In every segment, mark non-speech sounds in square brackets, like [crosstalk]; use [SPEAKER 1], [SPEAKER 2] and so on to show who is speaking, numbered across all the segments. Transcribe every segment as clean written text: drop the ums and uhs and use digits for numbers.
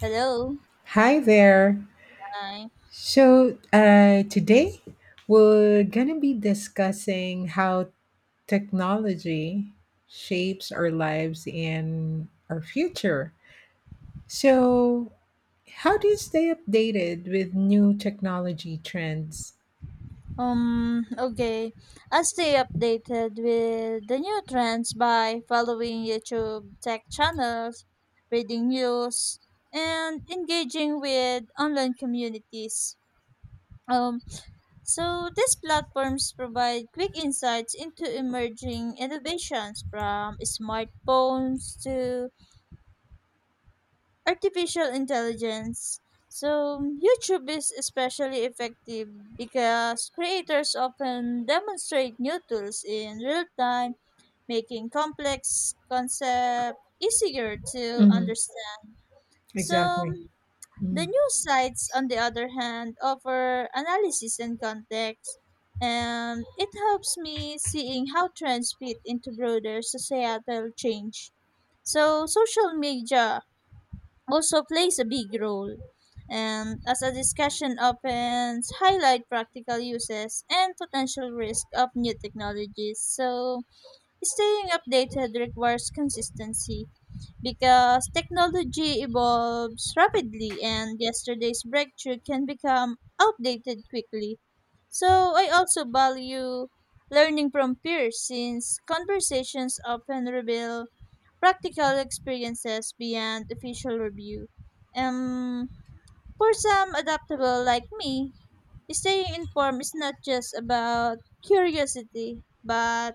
[SPEAKER 1] Hello.
[SPEAKER 2] Hi there.
[SPEAKER 1] Hi.
[SPEAKER 2] Today we're going to be discussing how technology shapes our lives and our future. So, how do you stay updated with new technology trends?
[SPEAKER 1] Okay. I stay updated with the new trends by following YouTube tech channels, reading news, and engaging with online communities. Um, so these platforms provide quick insights into emerging innovations from smartphones to artificial intelligence. So, YouTube is especially effective because creators often demonstrate new tools in real time, making complex concepts easier to
[SPEAKER 2] hmm
[SPEAKER 1] understand. So,
[SPEAKER 2] Exactly.
[SPEAKER 1] the
[SPEAKER 2] Mm.
[SPEAKER 1] news sites, on the other hand, offer analysis and context, and it helps me seeing how trends fit into broader societal change. So, social media also plays a big role. And as a discussion opens, highlight practical uses and potential risk of new technologies. So staying updated requires consistency because technology evolves rapidly and yesterday's breakthrough can become outdated quickly. So I also value learning from peers since conversations often reveal practical experiences beyond official review. Um, for some adaptable like me, staying informed is not just about curiosity, but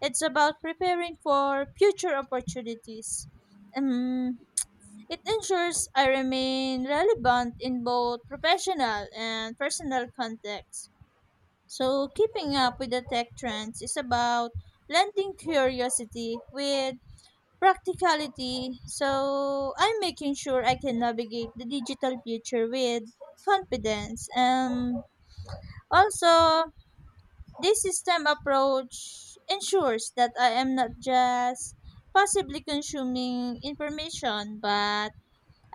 [SPEAKER 1] it's about preparing for future opportunities. Um, it ensures I remain relevant in both professional and personal contexts. So, keeping up with the tech trends is about blending curiosity with practicality. So I'm making sure I can navigate the digital future with confidence. And also, this system approach ensures that I am not just passively consuming information, but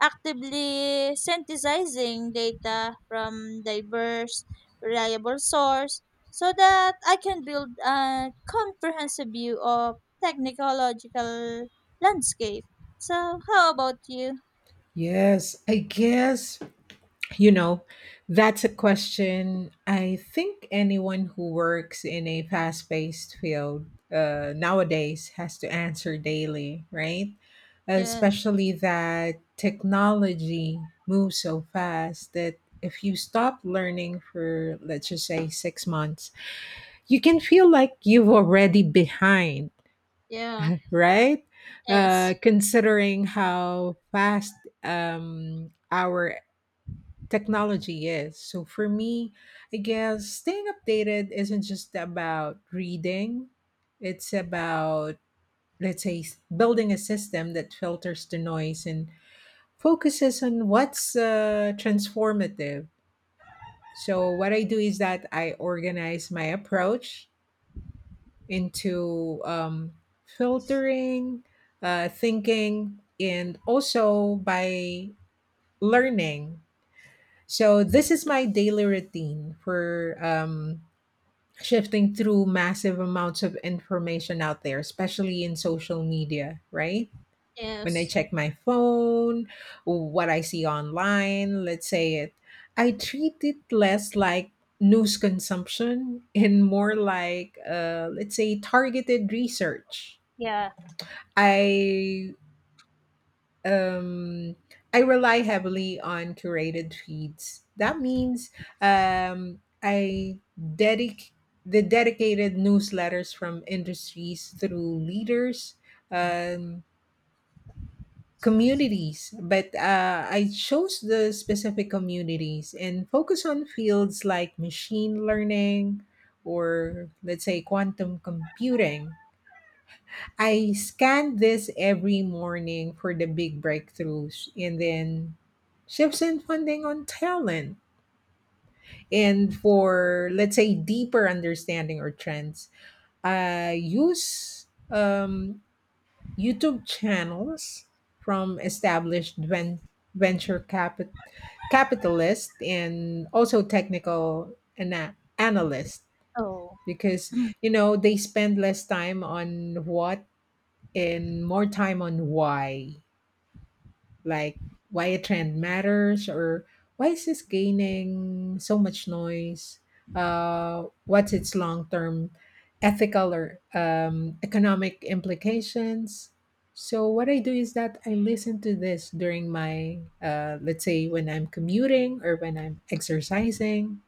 [SPEAKER 1] actively synthesizing data from diverse, reliable sources so that I can build a comprehensive view of technological landscape. So, how about you?
[SPEAKER 2] Yes, I guess You know, that's a question I think anyone who works in a fast paced field nowadays has to answer daily, right?
[SPEAKER 1] Yes.
[SPEAKER 2] Especially that technology moves so fast that if you stop learning for, let's just say, 6 months, you can feel like you've already behind,
[SPEAKER 1] Yeah.
[SPEAKER 2] right?
[SPEAKER 1] Yes.
[SPEAKER 2] Considering how fast our technology is. So for me, I guess staying updated isn't just about reading, it's about, let's say, building a system that filters the noise and focuses on what's transformative. So what I do is that I organize my approach into filtering, thinking, and also by learning. So this is my daily routine for shifting through massive amounts of information out there, especially in social media, right? When I
[SPEAKER 1] Yes.
[SPEAKER 2] check my phone, what I see online, let's say it, I treat it less like news consumption and more like, let's say, targeted research.
[SPEAKER 1] Yeah.
[SPEAKER 2] I um, I rely heavily on curated feeds. That means I dedicate the dedicated newsletters from industries through leaders, um, communities. But I chose the specific communities and focus on fields like machine learning or let's say quantum computing. I scan this every morning for the big breakthroughs and then shifts in funding on talent. And for, let's say, deeper understanding or trends, I use YouTube channels from established venture capitalist and also technical analyst,
[SPEAKER 1] Oh.
[SPEAKER 2] because
[SPEAKER 1] [clears throat]
[SPEAKER 2] you know they spend less time on what and more time on why, like why a trend matters or why is this gaining so much noise? What's its long term ethical or economic implications? So, what I do is that I listen to this during my, let's say, when I'm commuting or when I'm exercising.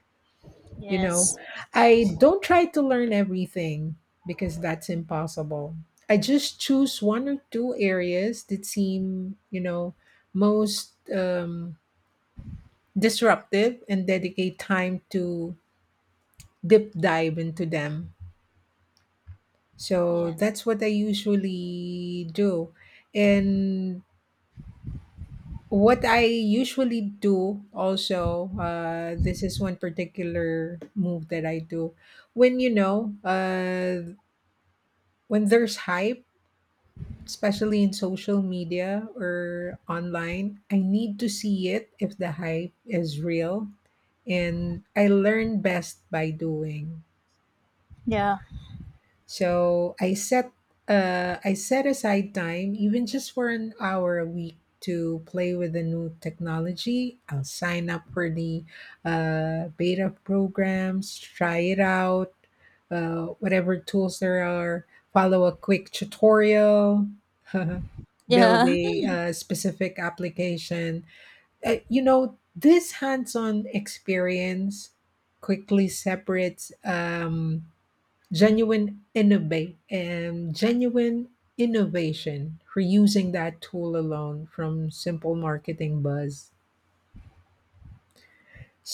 [SPEAKER 2] You know,
[SPEAKER 1] Yes.
[SPEAKER 2] I don't try to learn everything because that's impossible. I just choose one or two areas that seem, you know, most disruptive and dedicate time to deep dive into them. So
[SPEAKER 1] Yeah.
[SPEAKER 2] that's what I usually do. And what I usually do also, this is one particular move that I do when when there's hype, especially in social media or online, I need to see it if the hype is real. And I learn best by doing.
[SPEAKER 1] Yeah.
[SPEAKER 2] So I set aside time, even just for an hour a week, to play with the new technology. I'll sign up for the beta programs, try it out, whatever tools there are, follow a quick tutorial, [laughs] build
[SPEAKER 1] Yeah. [laughs]
[SPEAKER 2] a specific application. You know, this hands on experience quickly separates. Genuine innovate and genuine innovation reusing that tool alone from simple marketing buzz.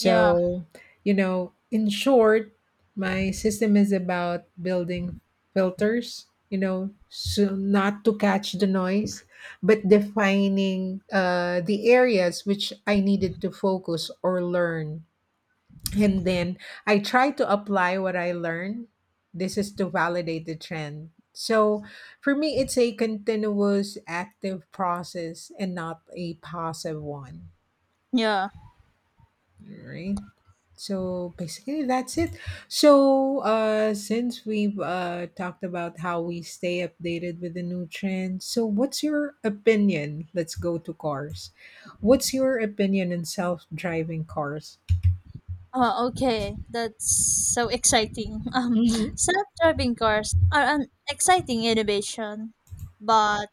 [SPEAKER 1] Yeah.
[SPEAKER 2] you know, in short, my system is about building filters, you know, so not to catch the noise but defining the areas which I needed to focus or learn, and then I try to apply what I learn. This is to validate the trend. So for me, it's a continuous active process and not a passive one,
[SPEAKER 1] Yeah.
[SPEAKER 2] right? So basically, that's it. So since we've talked about how we stay updated with the new trends, so what's your opinion? Let's go to cars. What's your opinion in self-driving cars?
[SPEAKER 1] Oh, okay. That's so exciting. [laughs]
[SPEAKER 2] Mm-hmm.
[SPEAKER 1] Self-driving cars are an exciting innovation, but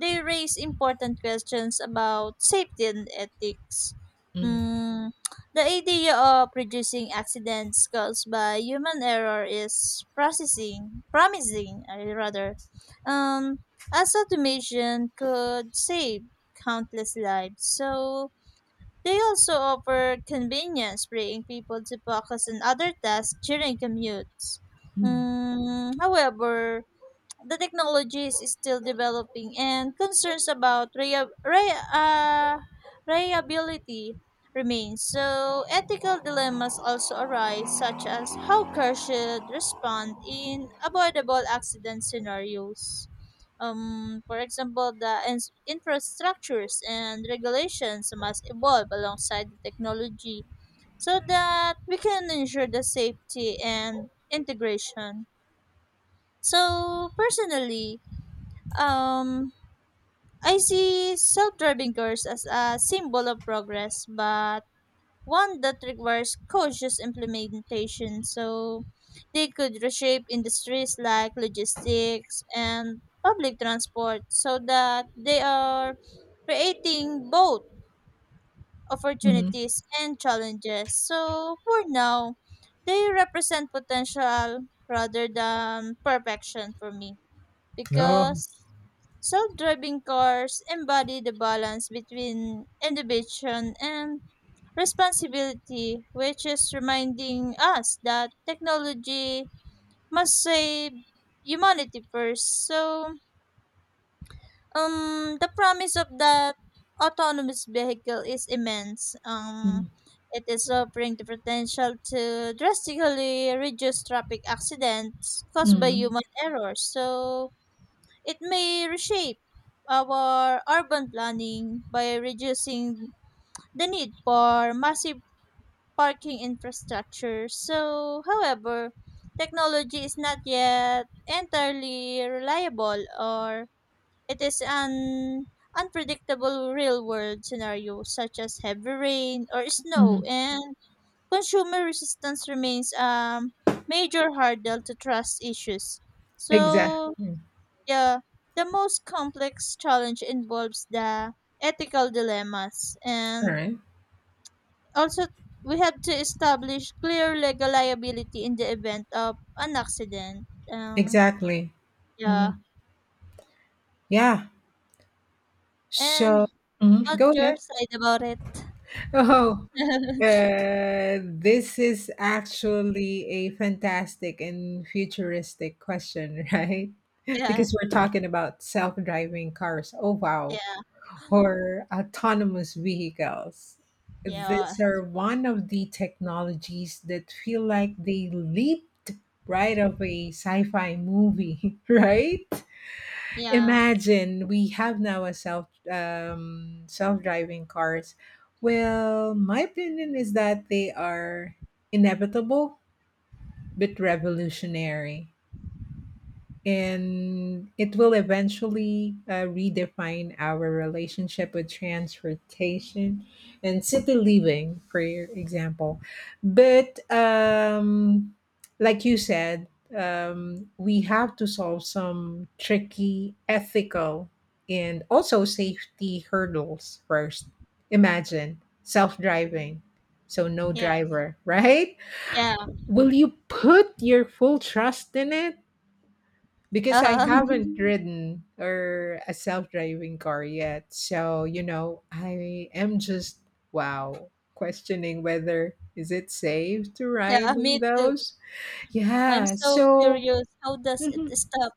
[SPEAKER 1] they raise important questions about safety and ethics. Mm, the idea of reducing accidents caused by human error is processing, promising, I rather. Um, as automation could save countless lives. So, they also offer convenience, freeing people to focus on other tasks during commutes.
[SPEAKER 2] Mm-hmm.
[SPEAKER 1] However, the technology is still developing and concerns about rea- rea reliability remains. So ethical dilemmas also arise such as how cars should respond in avoidable accident scenarios. For example, the infrastructures and regulations must evolve alongside the technology so that we can ensure the safety and integration. So personally, um, I see self-driving cars as a symbol of progress, but one that requires cautious implementation. So they could reshape industries like logistics and public transport so that they are creating both opportunities and challenges. So for now, they represent potential rather than perfection for me
[SPEAKER 2] Mm-hmm.
[SPEAKER 1] because self-driving cars embody the balance between innovation and responsibility, which is reminding us that technology must save humanity first. So, the promise of that autonomous vehicle is immense.
[SPEAKER 2] Mhm.
[SPEAKER 1] It is offering the potential to drastically reduce traffic accidents caused by
[SPEAKER 2] Mhm.
[SPEAKER 1] human errors. So, it may reshape our urban planning by reducing the need for massive parking infrastructure. So, however, technology is not yet entirely reliable or it is an unpredictable real world scenario such as heavy rain or snow
[SPEAKER 2] Mhm.
[SPEAKER 1] and consumer resistance remains a major hurdle to trust issues.
[SPEAKER 2] Exact
[SPEAKER 1] So,
[SPEAKER 2] Mm.
[SPEAKER 1] yeah, the most complex challenge involves the ethical dilemmas,
[SPEAKER 2] All
[SPEAKER 1] and
[SPEAKER 2] right.
[SPEAKER 1] also we have to establish clear legal liability in the event of an accident. Um,
[SPEAKER 2] Exactly.
[SPEAKER 1] yeah,
[SPEAKER 2] Mhm. Yeah. So,
[SPEAKER 1] and
[SPEAKER 2] mhm, go
[SPEAKER 1] what's your
[SPEAKER 2] ahead.
[SPEAKER 1] side about it?
[SPEAKER 2] Oh.
[SPEAKER 1] [laughs]
[SPEAKER 2] This is actually a fantastic and futuristic question, [laughs] right?
[SPEAKER 1] Yeah,
[SPEAKER 2] Because we're talking about self-driving cars. Oh wow.
[SPEAKER 1] yeah,
[SPEAKER 2] Or autonomous vehicles.
[SPEAKER 1] yeah,
[SPEAKER 2] These are one of the technologies that feel like they leaped right of a sci-fi movie, [laughs] right?
[SPEAKER 1] yeah,
[SPEAKER 2] Imagine we have now a self-driving cars. Well, my opinion is that they are inevitable but revolutionary, and it will eventually redefine our relationship with transportation and city living for example. But like you said, we have to solve some tricky ethical and also safety hurdles first. Imagine self-driving, so no
[SPEAKER 1] yeah.
[SPEAKER 2] driver, [laughs] right?
[SPEAKER 1] Yeah.
[SPEAKER 2] Will you put your full trust in it, because I haven't
[SPEAKER 1] Um,
[SPEAKER 2] ridden or a self-driving car yet. So, you know, I am just wow, questioning whether is it safe to
[SPEAKER 1] [laughs]
[SPEAKER 2] ride
[SPEAKER 1] yeah,
[SPEAKER 2] in
[SPEAKER 1] me too.
[SPEAKER 2] those?
[SPEAKER 1] I'm
[SPEAKER 2] Yeah.
[SPEAKER 1] so
[SPEAKER 2] So,
[SPEAKER 1] curious. How does it
[SPEAKER 2] mhm,
[SPEAKER 1] stop?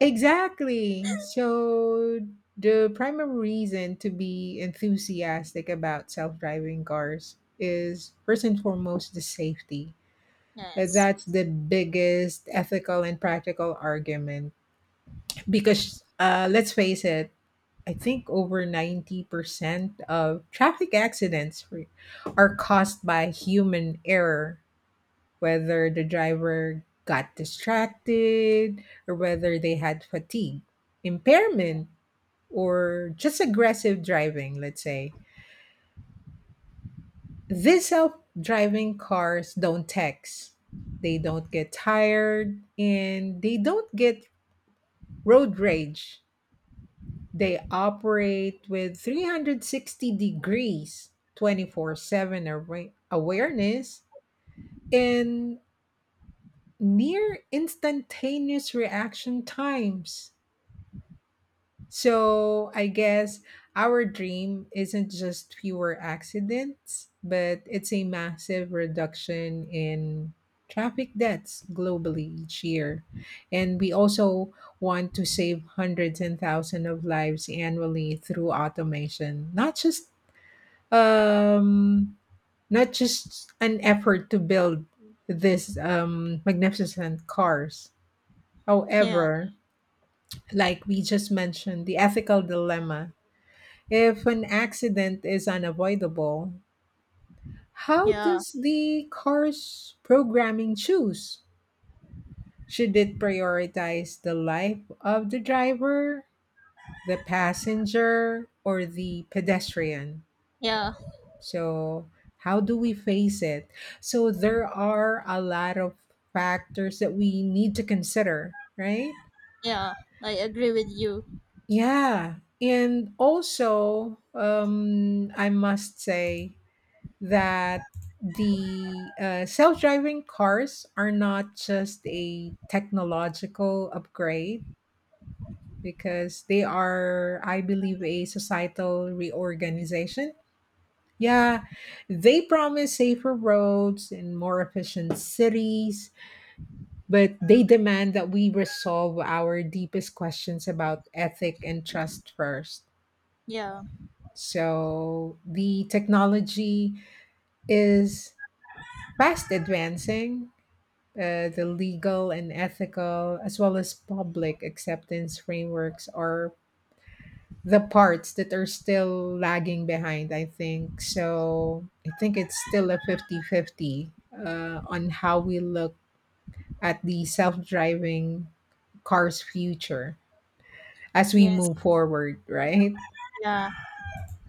[SPEAKER 2] exactly. So, the primary reason to be enthusiastic about self-driving cars is first and foremost the safety.
[SPEAKER 1] Yes.
[SPEAKER 2] That's the biggest ethical and practical argument, because let's face it, I think over 90% of traffic accidents are caused by human error, whether the driver got distracted or whether they had fatigue,
[SPEAKER 1] Yeah.
[SPEAKER 2] impairment, or just aggressive driving, let's say. These self-driving cars don't text, they don't get tired, and they don't get road rage. They operate with 360 degrees, 24/7 awareness, and near instantaneous reaction times. So I guess our dream isn't just fewer accidents, but it's a massive reduction in traffic deaths globally each year. And we also want to save hundreds and thousands of lives annually through automation, not just um an effort to build this magnificent cars.
[SPEAKER 1] Yeah.
[SPEAKER 2] However, like we just mentioned, the ethical dilemma: if an accident is unavoidable, how
[SPEAKER 1] Yeah.
[SPEAKER 2] does the car's programming choose? Should it prioritize the life of the driver, the passenger, or the pedestrian?
[SPEAKER 1] Yeah.
[SPEAKER 2] So, how do we face it? So, there are a lot of factors that we need to consider, right?
[SPEAKER 1] Yeah, I agree with you.
[SPEAKER 2] Yeah. And also, I must say, that the self-driving cars are not just a technological upgrade, because they are I believe a societal reorganization. Yeah, they promise safer roads and more efficient cities, but they demand that we resolve our deepest questions about ethic and trust first.
[SPEAKER 1] Yeah.
[SPEAKER 2] So the technology is fast advancing. The legal and ethical as well as public acceptance frameworks are the parts that are still lagging behind, I think. So I think it's still a fifty-fifty on how we look at the self-driving car's future as we
[SPEAKER 1] Yes.
[SPEAKER 2] move forward, right?
[SPEAKER 1] Yeah.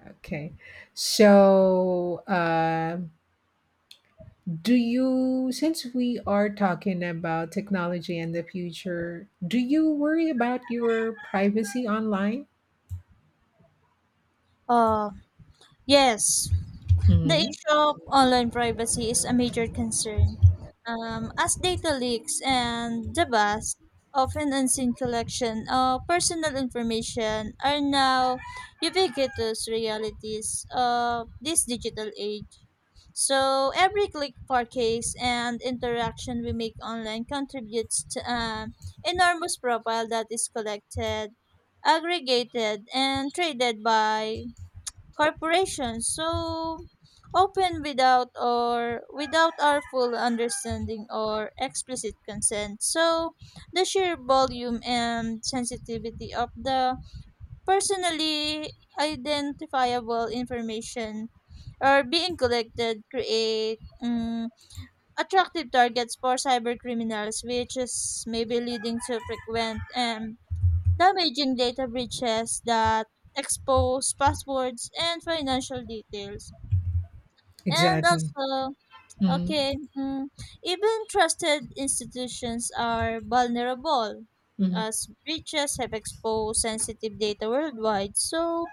[SPEAKER 2] Okay, so do you, since we are talking about technology and the future, do you worry about your privacy online?
[SPEAKER 1] Uh yes. The
[SPEAKER 2] hmm
[SPEAKER 1] issue of online privacy is a major concern, as data leaks and the vast, often unseen collection of personal information are now ubiquitous realities of this digital age. So every click, purchase, and interaction we make online contributes to an enormous profile that is collected, aggregated, and traded by corporations so often without or without our full understanding or explicit consent. So the sheer volume and sensitivity of the personally identifiable information are being collected create attractive targets for cyber criminals which is maybe leading to frequent and damaging data breaches that expose passwords and financial details. And
[SPEAKER 2] Exactly.
[SPEAKER 1] also,
[SPEAKER 2] hmm
[SPEAKER 1] okay, even trusted institutions are vulnerable
[SPEAKER 2] hmm
[SPEAKER 1] as breaches have exposed sensitive data worldwide. So,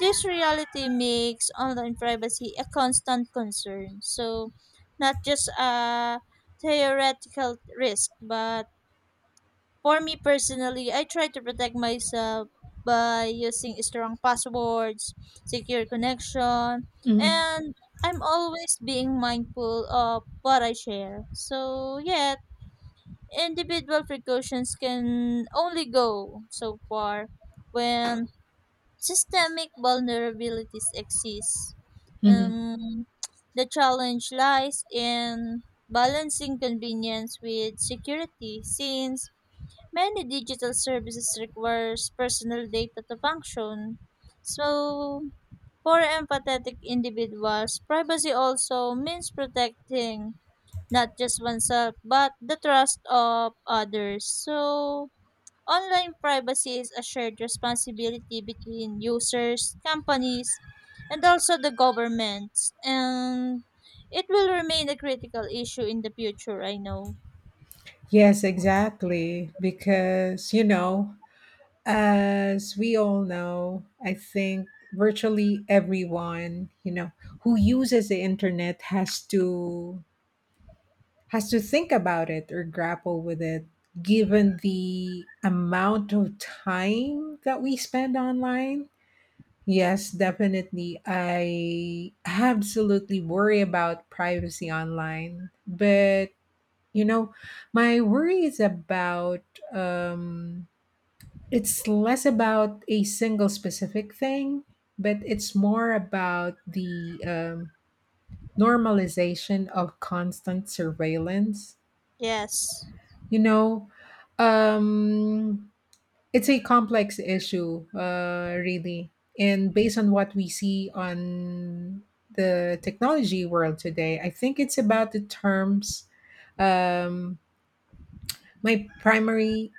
[SPEAKER 1] this reality makes online privacy a constant concern. So, not just a theoretical risk, but for me personally, I try to protect myself by using strong passwords, secure connection,
[SPEAKER 2] hmm
[SPEAKER 1] and I'm always being mindful of what I share. So, yet, individual precautions can only go so far when systemic vulnerabilities exist.
[SPEAKER 2] hmm
[SPEAKER 1] Um, the challenge lies in balancing convenience with security since many digital services requires personal data to function. So, for empathetic individuals, privacy also means protecting not just oneself but the trust of others. So, online privacy is a shared responsibility between users, companies, and also the governments. And it will remain a critical issue in the future, I know.
[SPEAKER 2] Yes, exactly. Because, you know, as we all know, I think virtually everyone, you know, who uses the internet has to think about it or grapple with it, given the amount of time that we spend online. Yes, definitely I absolutely worry about privacy online, but you know, my worry is about um it's less about a single specific thing, but it's more about the normalization of constant surveillance.
[SPEAKER 1] Yes.
[SPEAKER 2] You know, um, it's a complex issue, really. And based on what we see on the technology world today, I think it's about the terms. Um, my primary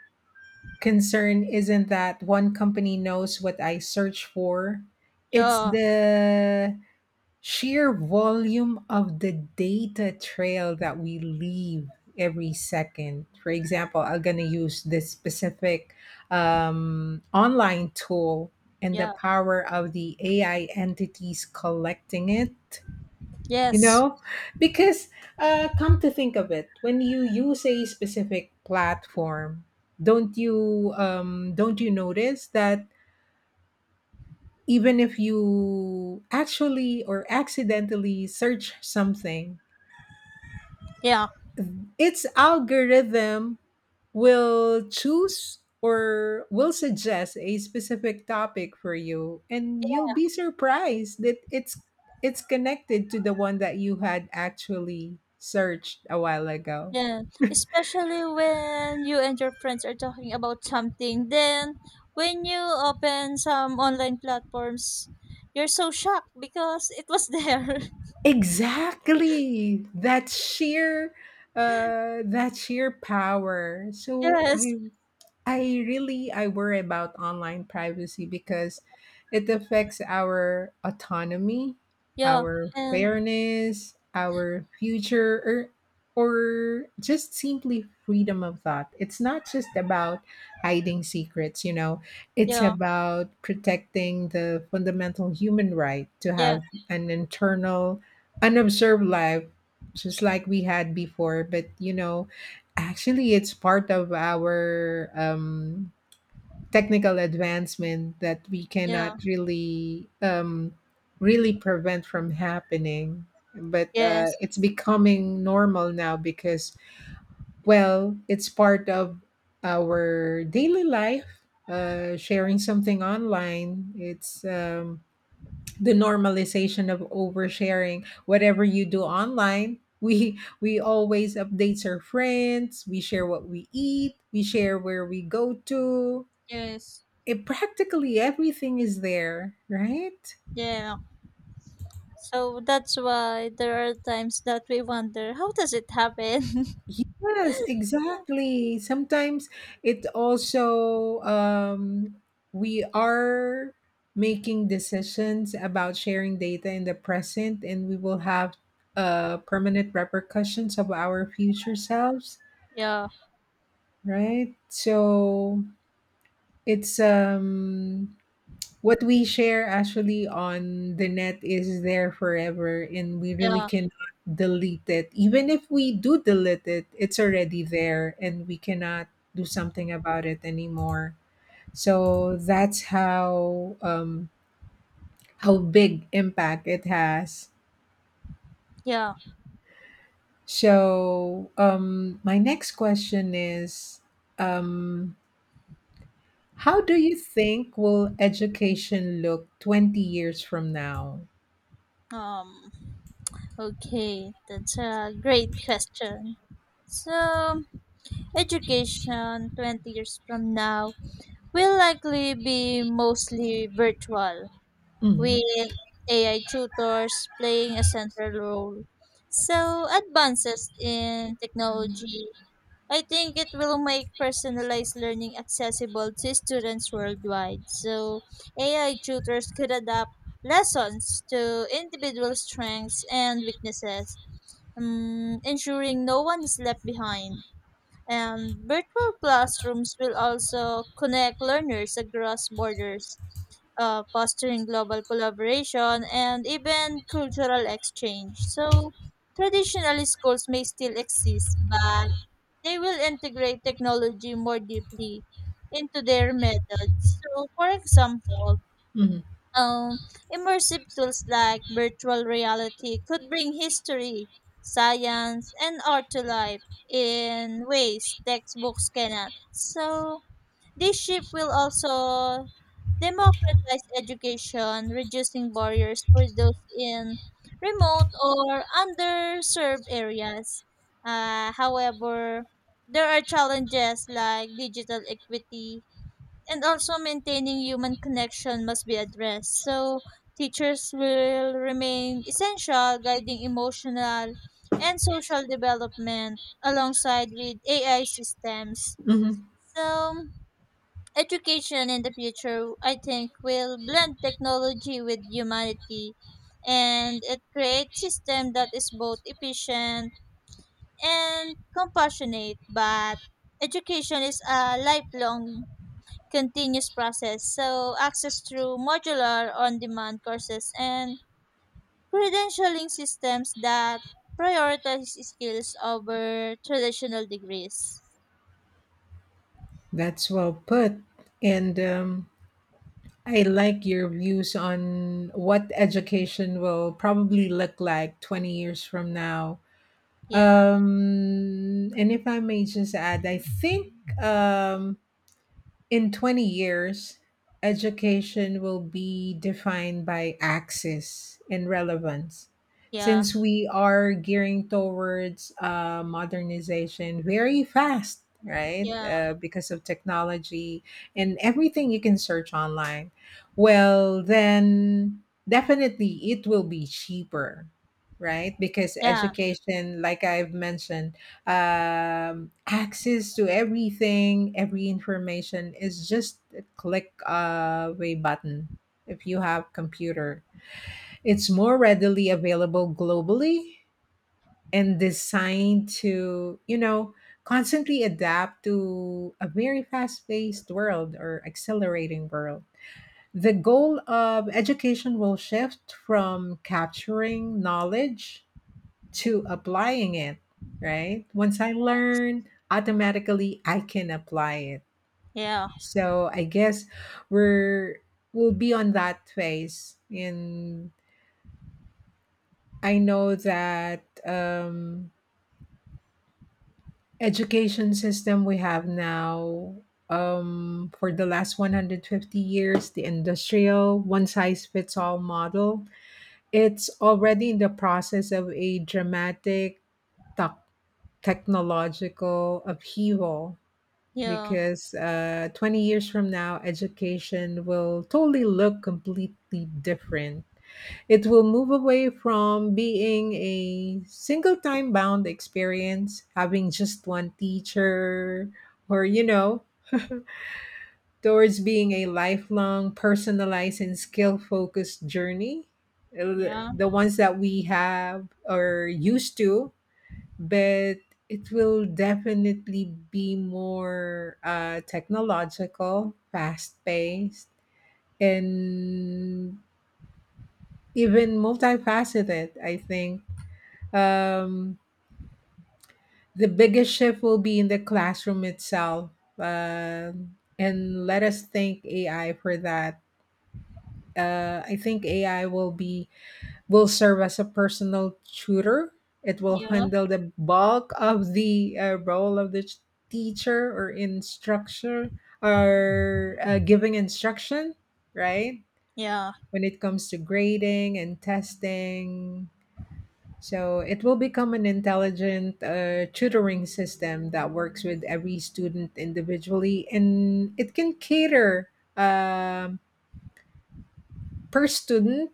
[SPEAKER 2] concern isn't that one company knows what I search for, it's
[SPEAKER 1] Yeah.
[SPEAKER 2] the sheer volume of the data trail that we leave every second. For example, I'm going to use this specific online tool and the
[SPEAKER 1] Yeah.
[SPEAKER 2] power of the AI entities collecting it. You
[SPEAKER 1] Yes.
[SPEAKER 2] know, because come to think of it, when you use a specific platform, don't you notice that even if you actually or accidentally search something,
[SPEAKER 1] Yeah,
[SPEAKER 2] its algorithm will choose or will suggest a specific topic for you, and you'll be surprised that it's connected to the one that you had actually searched a while ago.
[SPEAKER 1] yeah.
[SPEAKER 2] [laughs]
[SPEAKER 1] Especially when you and your friends are talking about something, then when you open some online platforms, you're so shocked because it was there.
[SPEAKER 2] Exactly. That sheer power.
[SPEAKER 1] [laughs]
[SPEAKER 2] So
[SPEAKER 1] Yes.
[SPEAKER 2] I really, I worry about online privacy because it affects our autonomy,
[SPEAKER 1] Yeah.
[SPEAKER 2] our
[SPEAKER 1] And
[SPEAKER 2] fairness, our future, or just simply freedom of thought. It's not just about hiding secrets, you know. It's
[SPEAKER 1] yeah,
[SPEAKER 2] about protecting the fundamental human right to
[SPEAKER 1] yeah,
[SPEAKER 2] have an internal unobserved life, just like we had before, but you know, actually, it's part of our technical advancement that we
[SPEAKER 1] yeah.
[SPEAKER 2] cannot really really prevent from happening. But
[SPEAKER 1] Yes.
[SPEAKER 2] it's becoming normal now because, well, it's part of our daily life. Sharing something online, it's the normalization of oversharing whatever you do online. [laughs] We always update our friends, we share what we eat, we share where we go to,
[SPEAKER 1] Yes.
[SPEAKER 2] it practically everything is there, right?
[SPEAKER 1] Yeah. So that's why there are times that we wonder how does it happen? [laughs]
[SPEAKER 2] Yes, exactly. Sometimes it also we are making decisions about sharing data in the present, and we will have permanent repercussions of our future selves.
[SPEAKER 1] Yeah.
[SPEAKER 2] Right? So it's what we share actually on the net is there forever, and we really
[SPEAKER 1] Yeah.
[SPEAKER 2] cannot delete it. Even if we do delete it, it's already there, and we cannot do something about it anymore. So that's how how big impact it has.
[SPEAKER 1] Yeah.
[SPEAKER 2] So my next question is um how do you think will education look 20 years from now?
[SPEAKER 1] Um okay, that's a great question. So, education 20 years from now will likely be mostly virtual,
[SPEAKER 2] Mhm,
[SPEAKER 1] with AI tutors playing a central role. So, advances in technology, I think it will make personalized learning accessible to students worldwide. So, AI tutors could adapt lessons to individual strengths and weaknesses, ensuring no one is left behind. And virtual classrooms will also connect learners across borders, fostering global collaboration and even cultural exchange. So, traditionally, schools may still exist, but they will integrate technology more deeply into their methods. So, for example,
[SPEAKER 2] mhm,
[SPEAKER 1] um, immersive tools like virtual reality could bring history, science, and art to life in ways textbooks cannot. So, this shift will also democratize education, reducing barriers for those in remote or underserved areas. However, there are challenges like digital equity and also maintaining human connection must be addressed. So teachers will remain essential, guiding emotional and social development alongside with AI systems.
[SPEAKER 2] mhm.
[SPEAKER 1] So education in the future, I think, will blend technology with humanity, and it creates system that is both efficient and compassionate. But education is a lifelong continuous process. So, access through modular on demand courses and credentialing systems that prioritize skills over traditional degrees.
[SPEAKER 2] That's well put. And I like your views on what education will probably look like 20 years from now.
[SPEAKER 1] Yeah,
[SPEAKER 2] And if I may just add, I think um, in 20 years, education will be defined by access and relevance.
[SPEAKER 1] yeah,
[SPEAKER 2] Since we are gearing towards modernization very fast, right?
[SPEAKER 1] yeah,
[SPEAKER 2] Because of technology and everything you can search online, well, then definitely it will be cheaper, right? Because
[SPEAKER 1] yeah,
[SPEAKER 2] education, like I've mentioned, access to everything, every information is just a click away button if you have computer. It's more readily available globally and designed to, you know, constantly adapt to a very fast-paced world or accelerating world. The goal of education will shift from capturing knowledge to applying it, right? Once I learn, automatically I can apply it.
[SPEAKER 1] yeah,
[SPEAKER 2] So I guess we're we'll be on that phase. And I know that education system we have now for the last 150 years, the industrial one size fits all model, it's already in the process of a dramatic tec- technological upheaval,
[SPEAKER 1] yeah,
[SPEAKER 2] because 20 years from now, education will totally look completely different. It will move away from being a single time bound experience, having just one teacher, or, you know, towards being a lifelong, personalized, and skill focused journey.
[SPEAKER 1] yeah,
[SPEAKER 2] The ones that we have or used to, but it will definitely be more technological, fast paced, and even multifaceted, I think. Um, the biggest shift will be in the classroom itself. And let us thank AI for that. I think AI will serve as a personal tutor. It will
[SPEAKER 1] yeah,
[SPEAKER 2] handle the bulk of the role of the teacher or instructor, or giving instruction, right?
[SPEAKER 1] yeah,
[SPEAKER 2] When it comes to grading and testing. So it will become an intelligent tutoring system that works with every student individually, and it can cater um per student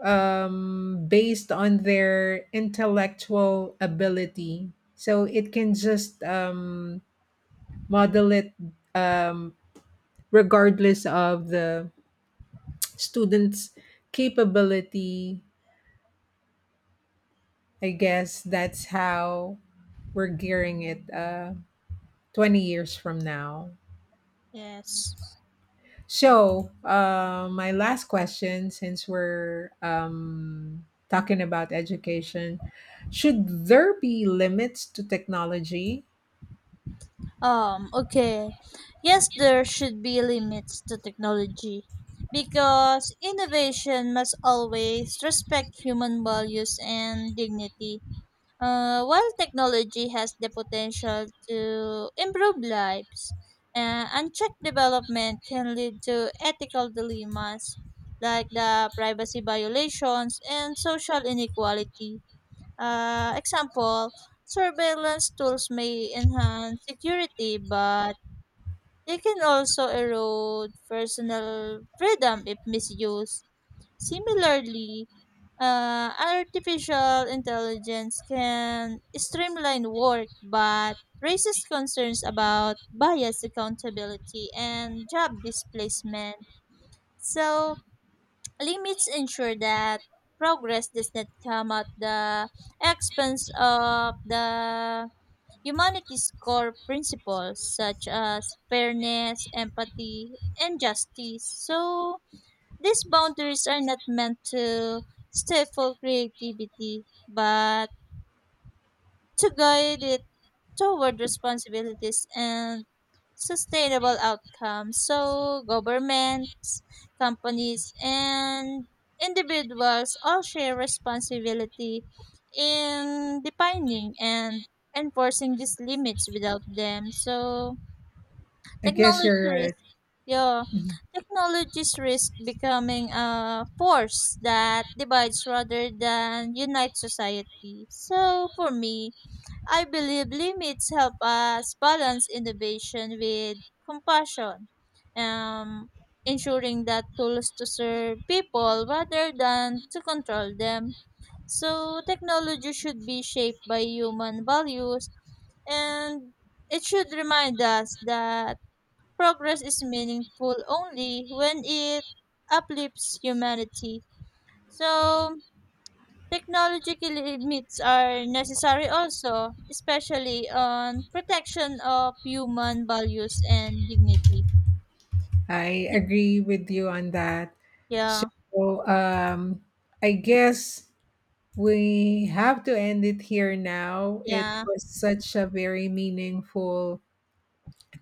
[SPEAKER 2] based on their intellectual ability. So it can just model it um, regardless of the student's capability. I guess that's how we're gearing it 20 years from now.
[SPEAKER 1] yes.
[SPEAKER 2] So, my last question, since we're talking about education, should there be limits to technology?
[SPEAKER 1] Okay. Yes, there should be limits to technology because innovation must always respect human values and dignity. While technology has the potential to improve lives, unchecked development can lead to ethical dilemmas like the privacy violations and social inequality. Example, surveillance tools may enhance security, but they can also erode personal freedom if misused. Similarly, artificial intelligence can streamline work but raises concerns about bias accountability and job displacement. So, limits ensure that progress does not come at the expense of the humanities core principles such as fairness, empathy, and justice. So, these boundaries are not meant to stifle creativity, but to guide it toward responsibilities and sustainable outcomes. So, governments, companies, and individuals all share responsibility in defining and enforcing these limits without them. So,
[SPEAKER 2] I guess
[SPEAKER 1] technology
[SPEAKER 2] you're right.
[SPEAKER 1] risk, yeah,
[SPEAKER 2] Mhm.
[SPEAKER 1] technology's risk becoming a force that divides rather than unites society. So for me, I believe limits help us balance innovation with compassion, um, ensuring that tools to serve people rather than to control them. So technology should be shaped by human values and it should remind us that progress is meaningful only when it uplifts humanity. So, technological limits are necessary also, especially on protection of human values and dignity.
[SPEAKER 2] I agree with you on that. So,
[SPEAKER 1] Yeah,
[SPEAKER 2] I guess we have to end it here now. It
[SPEAKER 1] yeah,
[SPEAKER 2] was such a very meaningful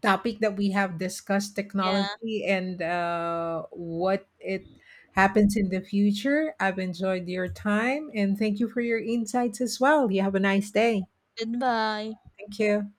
[SPEAKER 2] topic that we have discussed,
[SPEAKER 1] yeah.
[SPEAKER 2] technology and what it happens in the future. I've enjoyed your time and thank you for your insights as well. You have a nice day.
[SPEAKER 1] Goodbye.
[SPEAKER 2] Thank you.